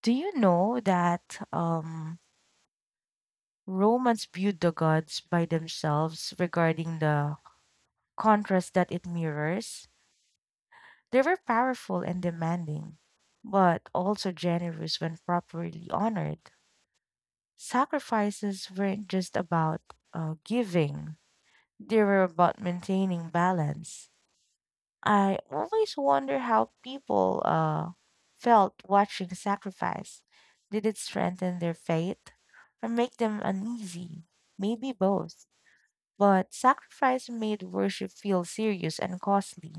Do you know that Romans viewed the gods by themselves regarding the contrast that it mirrors? They were powerful and demanding, but also generous when properly honored. Sacrifices weren't just about giving, they were about maintaining balance. I always wonder how people felt watching the sacrifice. Did it strengthen their faith or make them uneasy? Maybe both. But sacrifice made worship feel serious and costly.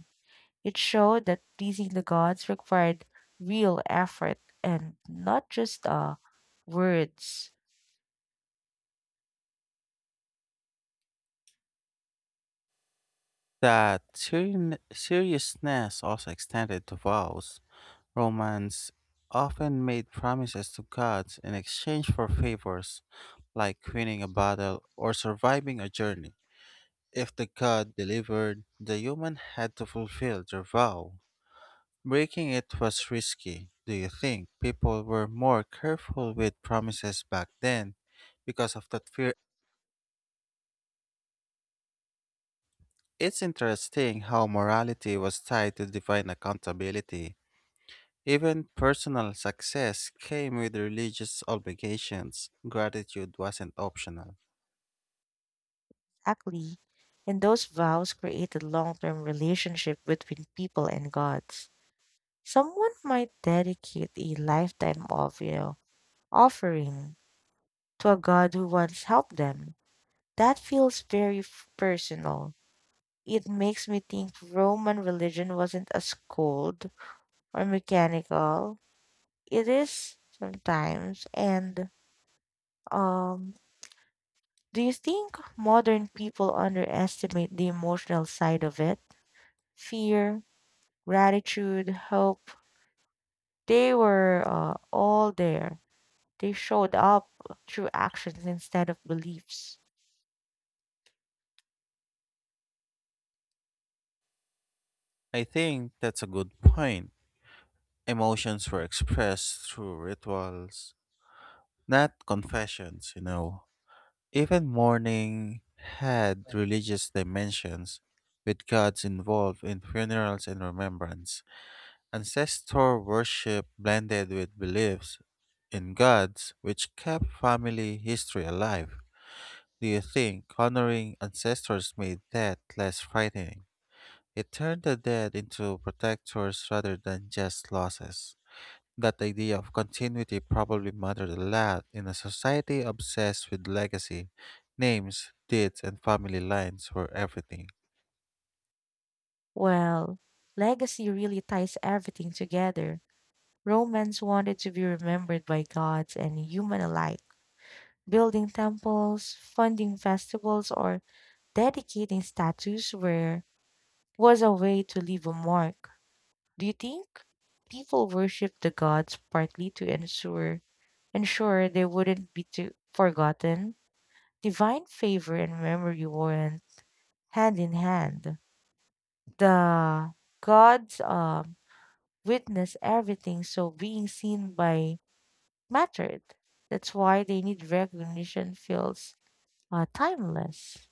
It showed that pleasing the gods required real effort and not just words. That seriousness also extended to vows. Romans often made promises to gods in exchange for favors, like winning a battle or surviving a journey. If the god delivered, the human had to fulfill their vow. Breaking it was risky. Do you think people were more careful with promises back then because of that fear? It's interesting how morality was tied to divine accountability. Even personal success came with religious obligations. Gratitude wasn't optional. Actually, and those vows created long term relationship between people and gods. Someone might dedicate a lifetime of offering to a God who once helped them. That feels very personal. It makes me think Roman religion wasn't as cold or mechanical. It is sometimes. And um, do you think modern people underestimate the emotional side of it? Fear, gratitude, hope. They were all there. They showed up through actions instead of beliefs. I think that's a good point. Emotions were expressed through rituals, not confessions. Even mourning had religious dimensions, with gods involved in funerals and remembrance. Ancestor worship blended with beliefs in gods, which kept family history alive. Do you think honoring ancestors made death less frightening? It turned the dead into protectors rather than just losses. That idea of continuity probably mattered a lot in a society obsessed with legacy. Names, deeds, and family lines were everything. Well, legacy really ties everything together. Romans wanted to be remembered by gods and human alike. Building temples, funding festivals, or dedicating statues were was a way to leave a mark. Do you think people worship the gods partly to ensure ensure they wouldn't be too forgotten? Divine favor and memory weren't hand in hand. The God's witness everything, so being seen by mattered. That's why they need recognition feels timeless.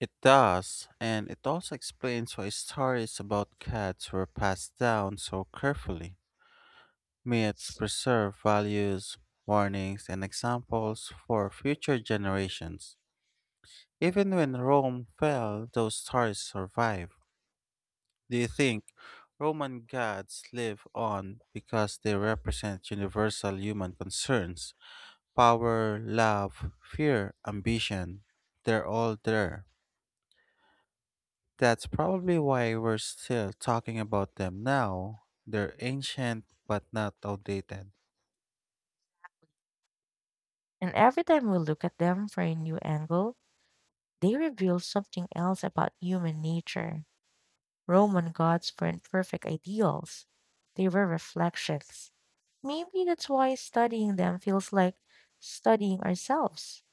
It does, and it also explains why stories about cats were passed down so carefully. Myths preserve values, warnings, and examples for future generations. Even when Rome fell, those stories survive. Do you think Roman gods live on because they represent universal human concerns? Power, love, fear, ambition. They're all there. That's probably why we're still talking about them now. They're ancient but not outdated. And every time we look at them from a new angle, they reveal something else about human nature. Roman gods weren't perfect ideals, they were reflections. Maybe that's why studying them feels like studying ourselves.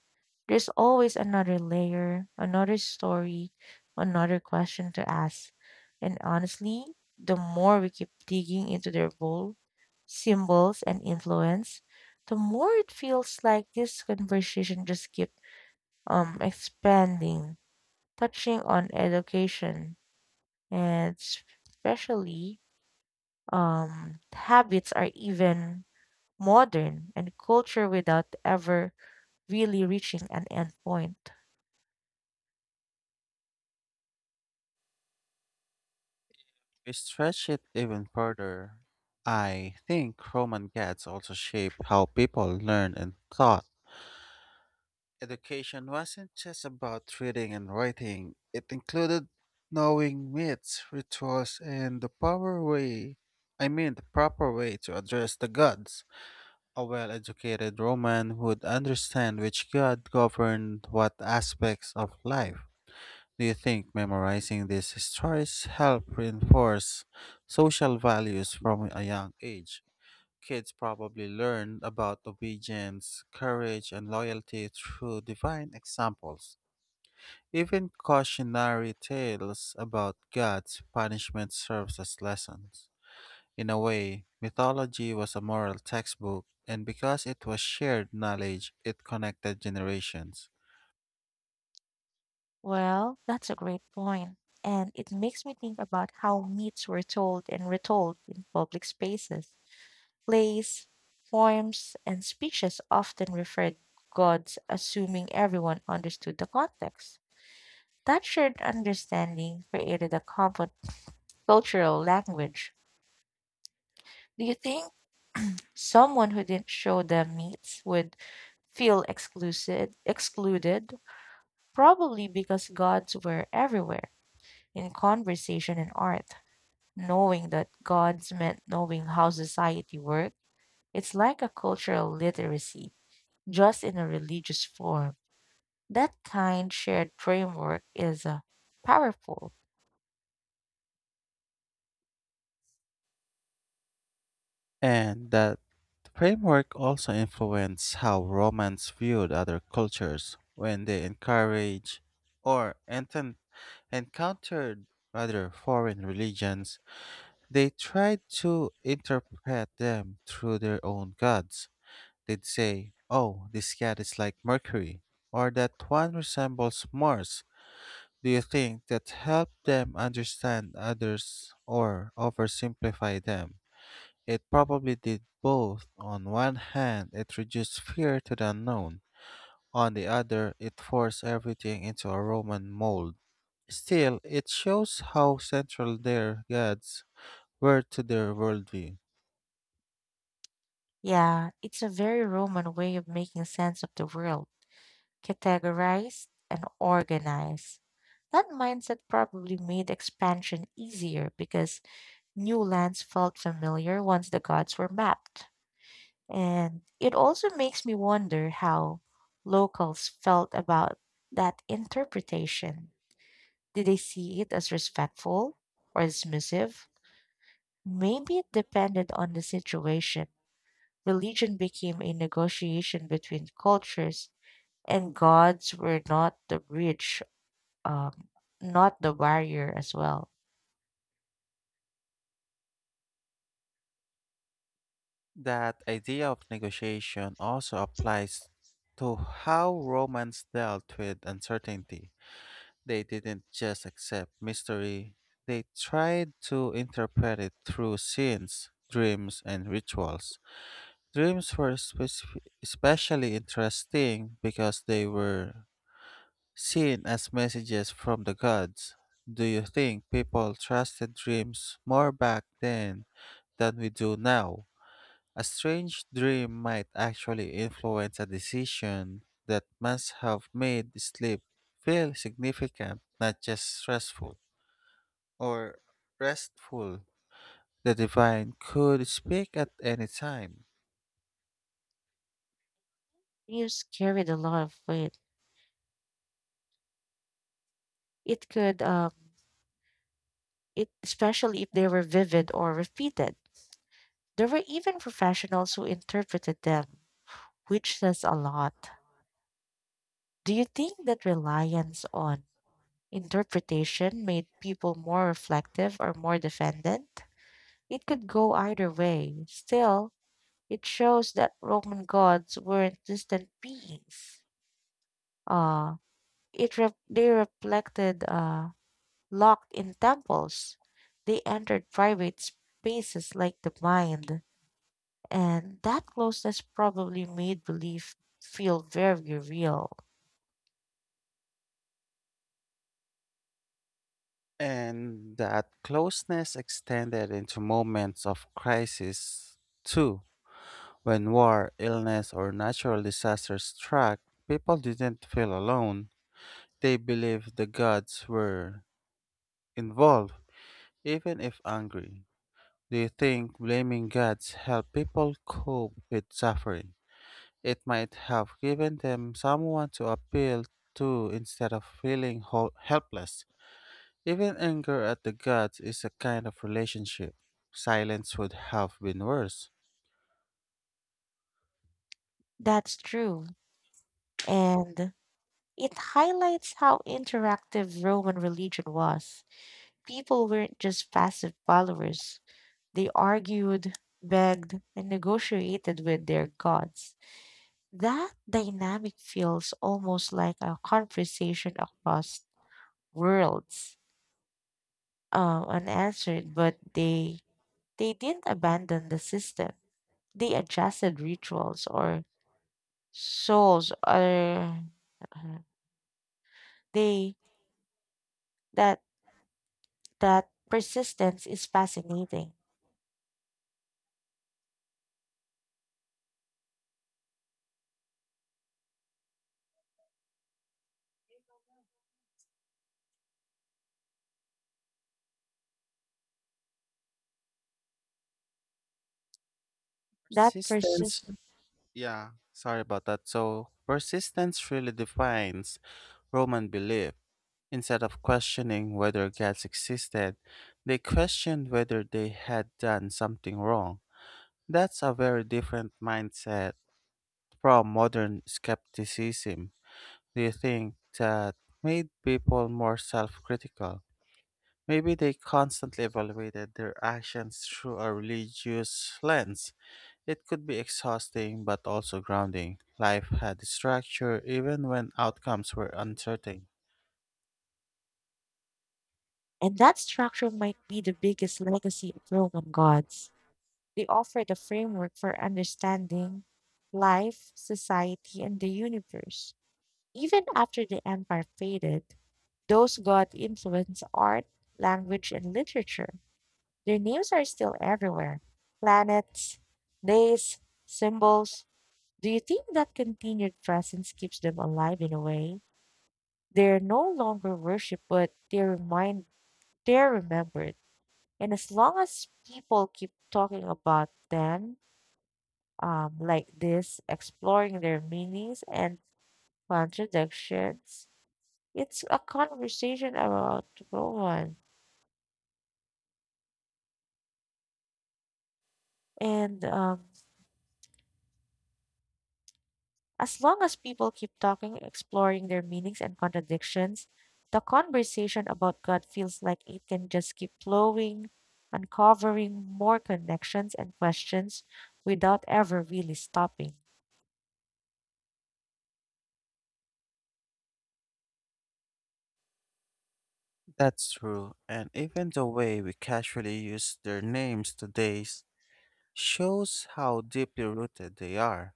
There's always another layer, another story, another question to ask. And honestly, the more we keep digging into their role, symbols, and influence, the more it feels like this conversation just keeps expanding, touching on education, and especially habits are even modern and culture without ever really reaching an end point. We stretch it even further. I think Roman gods also shape how people learn and thought. Education wasn't just about reading and writing, it included knowing myths, rituals, and the power way I mean the proper way to address the gods. A well educated Roman would understand which god governed what aspects of life. Do you think memorizing these stories helped reinforce social values from a young age? Kids probably learn about obedience, courage, and loyalty through divine examples. Even cautionary tales about God's punishment serves as lessons. In a way, mythology was a moral textbook, and because it was shared knowledge, it connected generations. Well, that's a great point, and it makes me think about how myths were told and retold in public spaces. Plays, poems, and speeches often referred gods, assuming everyone understood the context. That shared understanding created a common cultural language. Do you think someone who didn't show the myths would feel excluded? Probably because gods were everywhere in conversation and art. Knowing that gods meant knowing how society worked. It's like a cultural literacy, just in a religious form. That kind shared framework is powerful. And that framework also influenced how Romans viewed other cultures when they encourage or enten- encountered other foreign religions, they tried to interpret them through their own gods. They'd say, "Oh, this god is like Mercury, or that one resembles Mars." Do you think that helped them understand others or oversimplify them? It probably did both. On one hand, it reduced fear to the unknown. On the other, it forced everything into a Roman mold. Still, it shows how central their gods were to their worldview. Yeah, it's a very Roman way of making sense of the world, categorized and organized. That mindset probably made expansion easier because new lands felt familiar once the gods were mapped. And it also makes me wonder how locals felt about that interpretation. Did they see it as respectful or dismissive? Maybe it depended on the situation. Religion became a negotiation between cultures, and gods were not the bridge, um, not the barrier as well. That idea of negotiation also applies to how Romans dealt with uncertainty. They didn't just accept mystery, they tried to interpret it through scenes, dreams, and rituals. Dreams were especially interesting because they were seen as messages from the gods. Do you think people trusted dreams more back then than we do now? A strange dream might actually influence a decision. That must have made sleep feel significant, not just stressful or restful. The divine could speak at any time. Dreams carried a lot of weight. It could, it especially if they were vivid or repeated. There were even professionals who interpreted them, which says a lot. Do you think that reliance on interpretation made people more reflective or more defendant? It could go either way. Still, it shows that Roman gods weren't distant beings. Uh, they reflected locked in temples. They entered private spaces like the mind. And that closeness probably made belief feel very real. And that closeness extended into moments of crisis, too. When war, illness, or natural disasters struck, people didn't feel alone. They believed the gods were involved, even if angry. Do you think blaming gods helped people cope with suffering? It might have given them someone to appeal to instead of feeling helpless. Even anger at the gods is a kind of relationship. Silence would have been worse. That's true. And it highlights how interactive Roman religion was. People weren't just passive followers, they argued, begged, and negotiated with their gods. That dynamic feels almost like a conversation across worlds, unanswered, but they didn't abandon the system they adjusted rituals or souls or uh, they that that persistence is fascinating that persistence Persistence. Sorry about that. So, persistence really defines Roman belief. Instead of questioning whether gods existed, they questioned whether they had done something wrong. That's a very different mindset from modern skepticism. Do you think that made people more self critical? Maybe they constantly evaluated their actions through a religious lens. It could be exhausting but also grounding. Life had structure even when outcomes were uncertain. and that structure might be the biggest legacy of Roman gods. They offer the framework for understanding life, society, and the universe. Even after the empire faded, those god influenced art, language, and literature. Their names are still everywhere: planets, days, symbols. Do you think that continued presence keeps them alive in a way? They're no longer worshipped, but they're remembered. And as long as people keep talking about them like this, exploring their meanings and contradictions, it's a conversation about Rowan. And As long as people keep talking, exploring their meanings and contradictions, the conversation about God feels like it can just keep flowing, uncovering more connections and questions without ever really stopping. That's true, and even the way we casually use their names today shows how deeply rooted they are.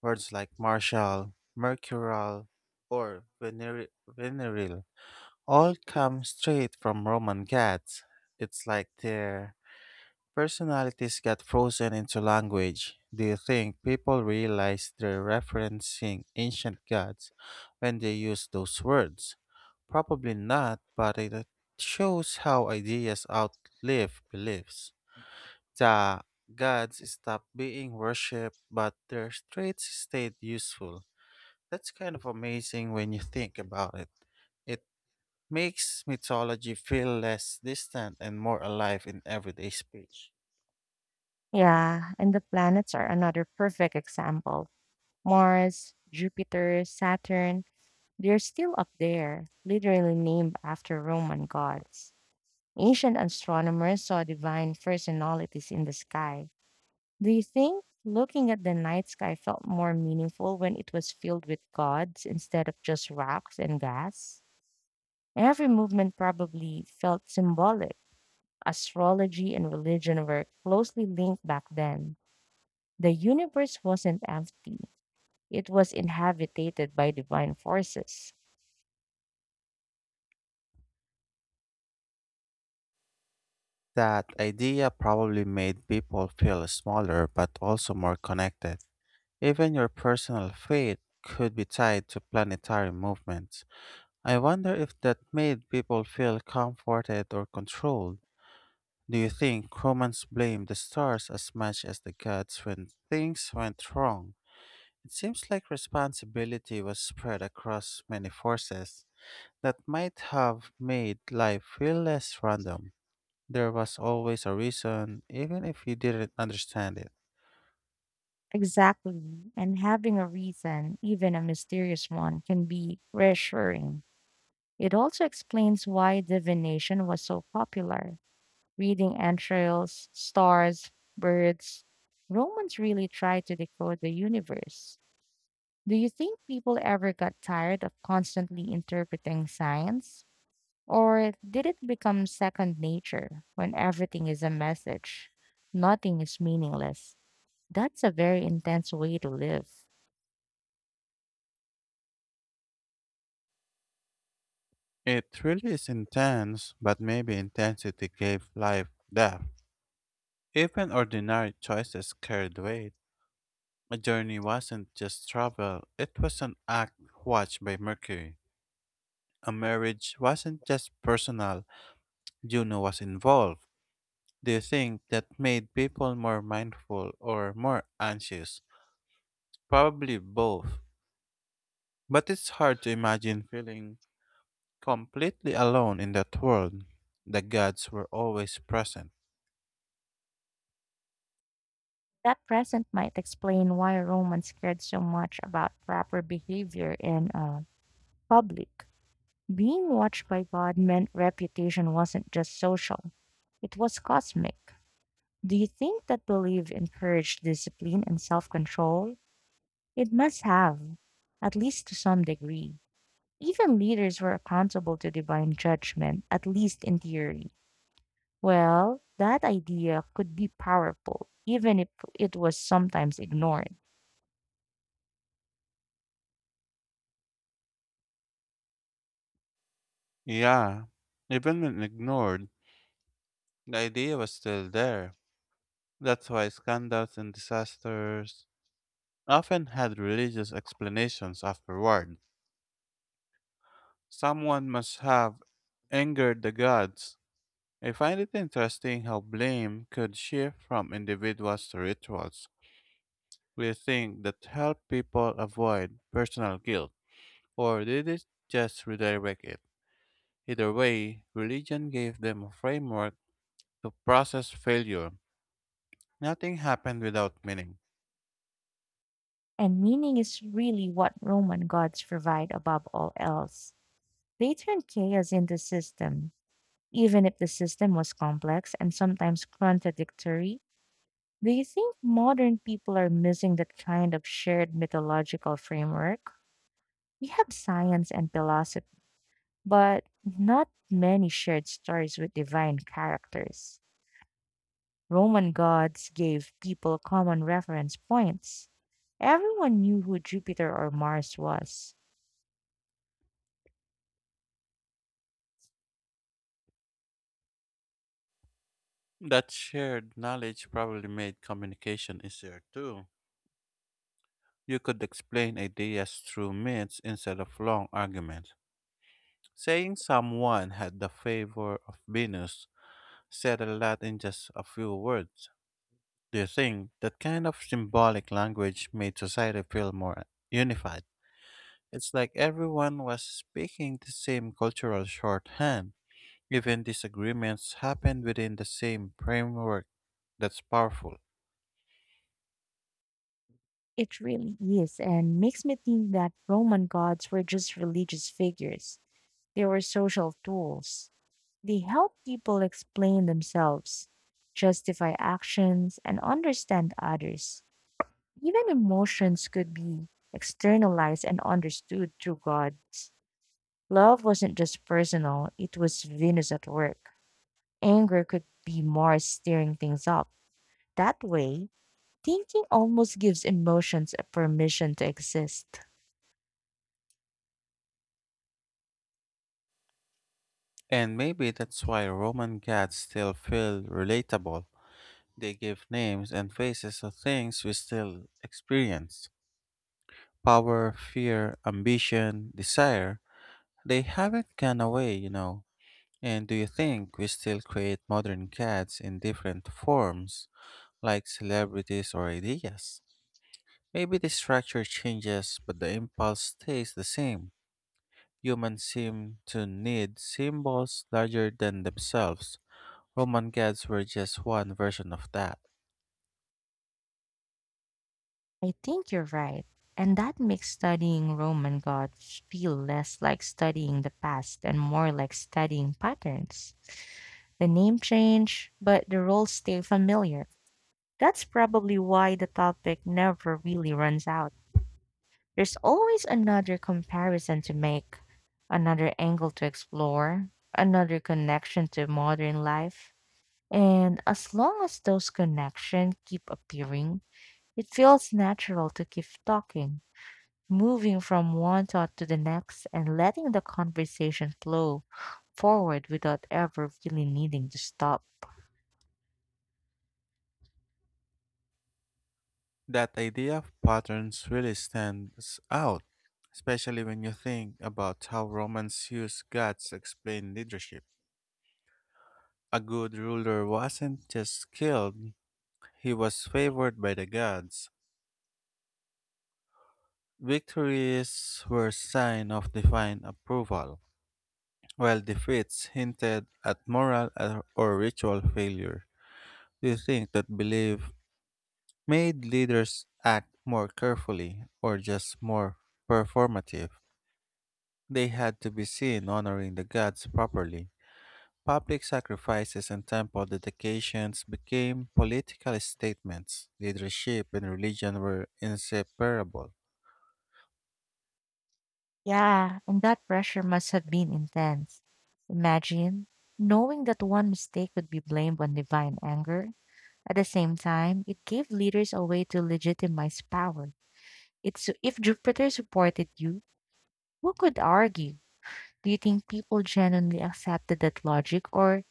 Words like martial, mercurial, or venereal all come straight from Roman gods. It's like they're personalities got frozen into language. Do you think people realize they're referencing ancient gods when they use those words? Probably not, but it shows how ideas outlive beliefs. The gods stopped being worshipped, but their traits stayed useful. That's kind of amazing when you think about it. It makes mythology feel less distant and more alive in everyday speech. Yeah, and the planets are another perfect example. Mars, Jupiter, Saturn, they're still up there, literally named after Roman gods. Ancient astronomers saw divine personalities in the sky. Do you think looking at the night sky felt more meaningful when it was filled with gods instead of just rocks and gas? Every movement probably felt symbolic. Astrology and religion were closely linked back then. The universe wasn't empty, it was inhabited by divine forces. That idea probably made people feel smaller but also more connected. Even your personal fate could be tied to planetary movements. I wonder if that made people feel comforted or controlled. Do you think Romans blamed the stars as much as the gods when things went wrong? It seems like responsibility was spread across many forces. That might have made life feel less random. There was always a reason, even if you didn't understand it. Exactly, and having a reason, even a mysterious one, can be reassuring. It also explains why divination was so popular: reading entrails, stars, birds. Romans really tried to decode the universe. Do you think people ever got tired of constantly interpreting science? Or did it become second nature when everything is a message? Nothing is meaningless. That's a very intense way to live. It really is intense, but maybe intensity gave life depth. Even ordinary choices carried weight. A journey wasn't just travel, it was an act watched by Mercury. A marriage wasn't just personal, Juno was involved. Do you think that made people more mindful or more anxious? Probably both. But it's hard to imagine feeling completely alone in that world. The gods were always present. That present might explain why Romans cared so much about proper behavior in public. Being watched by God meant reputation wasn't just social, it was cosmic. Do you think that belief encouraged discipline and self control? It must have, at least to some degree. Even leaders were accountable to divine judgment, at least in theory. Well, that idea could be powerful, even if it was sometimes ignored. Yeah, even when ignored, the idea was still there. That's why scandals and disasters often had religious explanations afterward. Someone must have angered the gods. I find it interesting how blame could shift from individuals to rituals. We think that helped people avoid personal guilt, or did it just redirect it? Either way, religion gave them a framework to process failure. Nothing happened without meaning. And meaning is really what Roman gods provide above all else. They turn chaos into system, even if the system was complex and sometimes contradictory? Do you think modern people are missing that kind of shared mythological framework? We have science and philosophy, but not many shared stories with divine characters. Roman gods gave people common reference points. Everyone knew who Jupiter or Mars was. That shared knowledge probably made communication easier too. You could explain ideas through myths instead of long arguments. Saying someone had the favor of Venus said a lot in just a few words. Do you think that kind of symbolic language made society feel more unified? It's like everyone was speaking the same cultural shorthand. Even disagreements happen within the same framework. That's powerful. It really is, and makes me think that Roman gods were just religious figures. They were social tools. They help people explain themselves, justify actions, and understand others. Even emotions could be externalized and understood through gods. Love wasn't just personal, it was Venus at work. Anger could be Mars stirring things up. That way, thinking almost gives emotions a permission to exist. And maybe that's why Roman gods still feel relatable. They give names and faces to things we still experience: power, fear, ambition, desire. They haven't gone away. And do you think we still create modern gods in different forms, like celebrities or ideas? Maybe the structure changes, but the impulse stays the same. Humans seem to need symbols larger than themselves. Roman gods were just one version of that. I think you're right. And that makes studying Roman gods feel less like studying the past and more like studying patterns. The name change, but the roles stay familiar. That's probably why the topic never really runs out. There's always another comparison to make, another angle to explore, another connection to modern life. And as long as those connections keep appearing, it feels natural to keep talking, moving from one thought to the next and letting the conversation flow forward without ever really needing to stop. That idea of patterns really stands out, especially when you think about how Romans used gods to explain leadership. A good ruler wasn't just skilled, he was favored by the gods. Victories were sign of divine approval, while defeats hinted at moral or ritual failure. Do you think that belief made leaders act more carefully or just more performative? They had to be seen honoring the gods properly. Public sacrifices and temple dedications became political statements. Leadership and religion were inseparable. Yeah, and that pressure must have been intense. Imagine knowing that one mistake could be blamed on divine anger. At the same time, it gave leaders a way to legitimize power. It's if Jupiter supported you, who could argue? Do you think people genuinely accepted that logic, or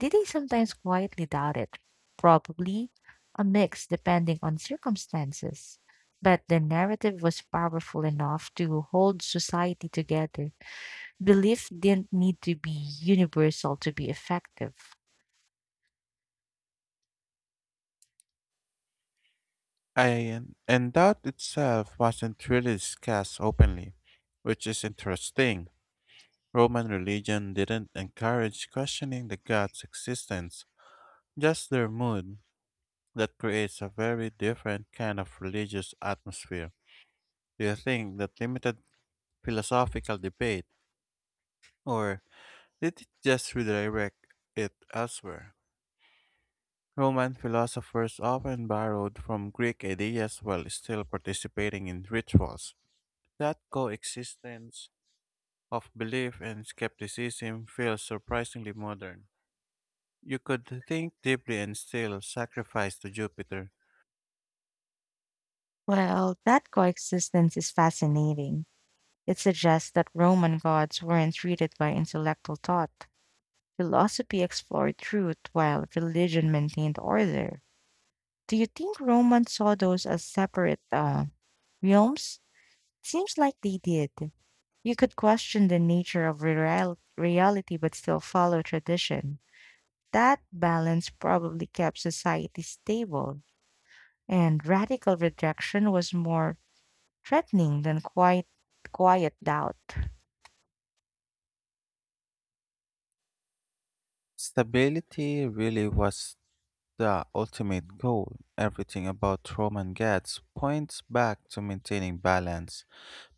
did they sometimes quietly doubt it? Probably a mix depending on circumstances. But the narrative was powerful enough to hold society together. Belief didn't need to be universal to be effective. And that itself wasn't really discussed openly, which is interesting. Roman religion didn't encourage questioning the gods' existence, just their mood. That creates a very different kind of religious atmosphere. Do you think that limited philosophical debate, or did it just redirect it elsewhere? Roman philosophers often borrowed from Greek ideas while still participating in rituals. That coexistence of belief and skepticism feels surprisingly modern. You could think deeply and still sacrifice to Jupiter. Well, that coexistence is fascinating. It suggests that Roman gods weren't treated by intellectual thought. Philosophy explored truth while religion maintained order. Do you think Romans saw those as separate realms? Seems like they did. You could question the nature of reality but still follow tradition. That balance probably kept society stable, and radical rejection was more threatening than quiet doubt. Stability really was the ultimate goal. Everything about Roman gods points back to maintaining balance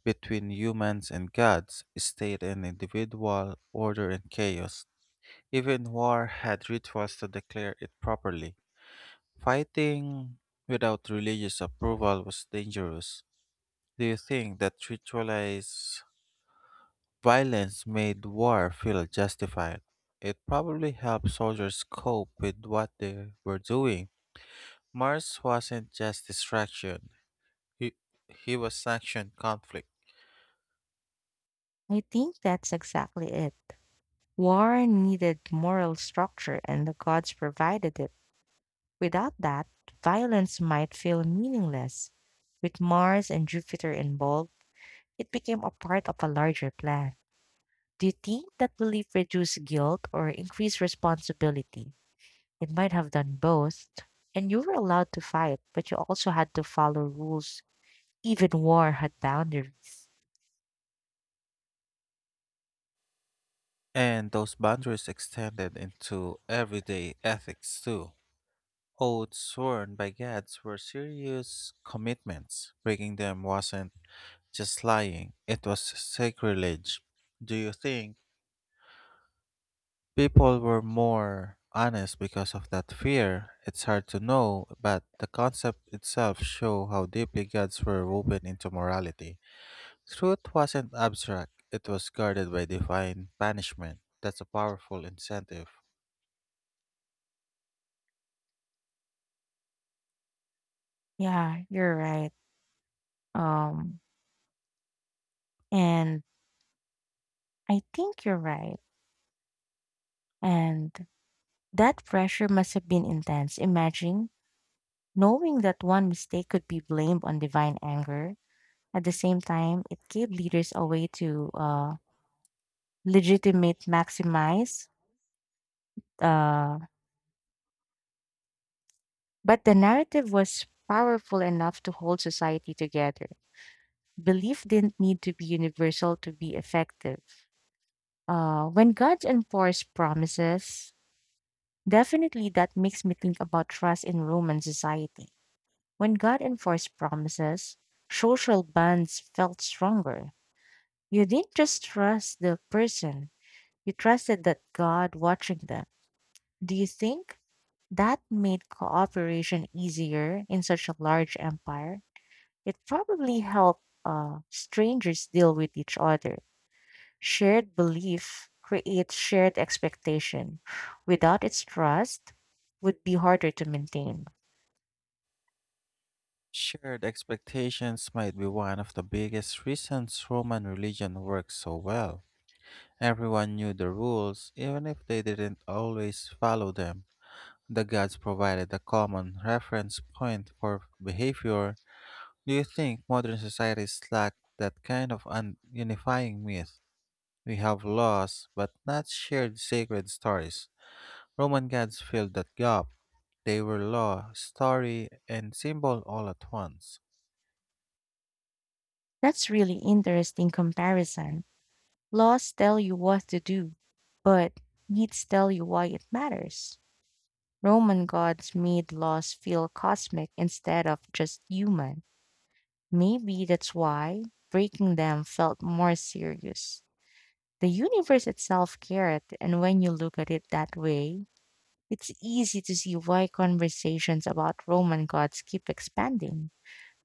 between humans and gods, state and individual, order and chaos. Even war had rituals to declare it properly. Fighting without religious approval was dangerous. Do you think that ritualized violence made war feel justified? It probably helped soldiers cope with what they were doing. Mars wasn't just distraction, he, he was action conflict. I think that's exactly it. War needed moral structure, and the gods provided it. Without that, violence might feel meaningless. With Mars and Jupiter involved, it became a part of a larger plan. Do you think that belief reduced guilt or increased responsibility? It might have done both. And you were allowed to fight, but you also had to follow rules. Even war had boundaries. And those boundaries extended into everyday ethics too. Oaths sworn by gods were serious commitments. Breaking them wasn't just lying, it was sacrilege. Do you think people were more honest because of that fear? It's hard to know, but the concept itself show how deeply gods were woven into morality. Truth wasn't abstract, it was guarded by divine punishment. That's a powerful incentive. Yeah, you're right. Um, and I think you're right. And That pressure must have been intense. Imagine knowing that one mistake could be blamed on divine anger, at the same time, it gave leaders a way to legitimate maximize. Uh, but the narrative was powerful enough to hold society together. Belief didn't need to be universal to be effective. When God enforced promises, definitely that makes me think about trust in Roman society. When God enforced promises, social bonds felt stronger. You didn't just trust the person, you trusted that God watching them. Do you think that made cooperation easier in such a large empire? It probably helped strangers deal with each other. Shared belief creates shared expectation. Without its trust, would be harder to maintain. Shared expectations might be one of the biggest reasons Roman religion worked so well. Everyone knew the rules, even if they didn't always follow them. The gods provided a common reference point for behavior. Do you think modern societies lack that kind of unifying myth? We have laws, but not shared sacred stories. Roman gods filled that gap. They were law, story, and symbol all at once. That's really interesting comparison. Laws tell you what to do, but needs tell you why it matters. Roman gods made laws feel cosmic instead of just human. Maybe that's why breaking them felt more serious. The universe itself cared, and when you look at it that way, it's easy to see why conversations about Roman gods keep expanding.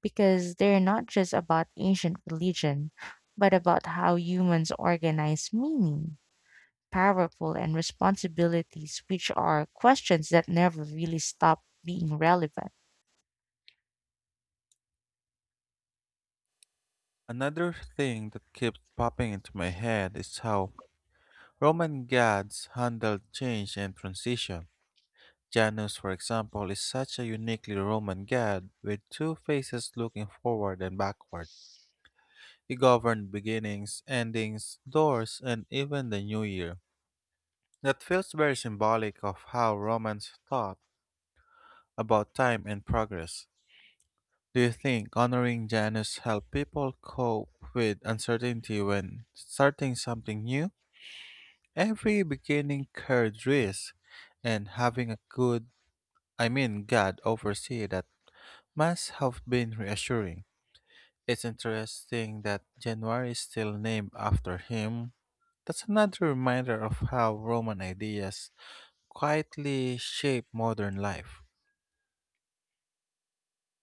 Because they're not just about ancient religion, but about how humans organize meaning, powerful, and responsibilities, which are questions that never really stop being relevant. Another thing that keeps popping into my head is how Roman gods handled change and transition. Janus, for example, is such a uniquely Roman god with two faces looking forward and backward. He governed beginnings, endings, doors, and even the new year. That feels very symbolic of how Romans thought about time and progress. Do you think honoring Janus help people cope with uncertainty when starting something new? Every beginning carried risk, and having a good, I mean God oversee that must have been reassuring. It's interesting that January is still named after him. That's another reminder of how Roman ideas quietly shape modern life.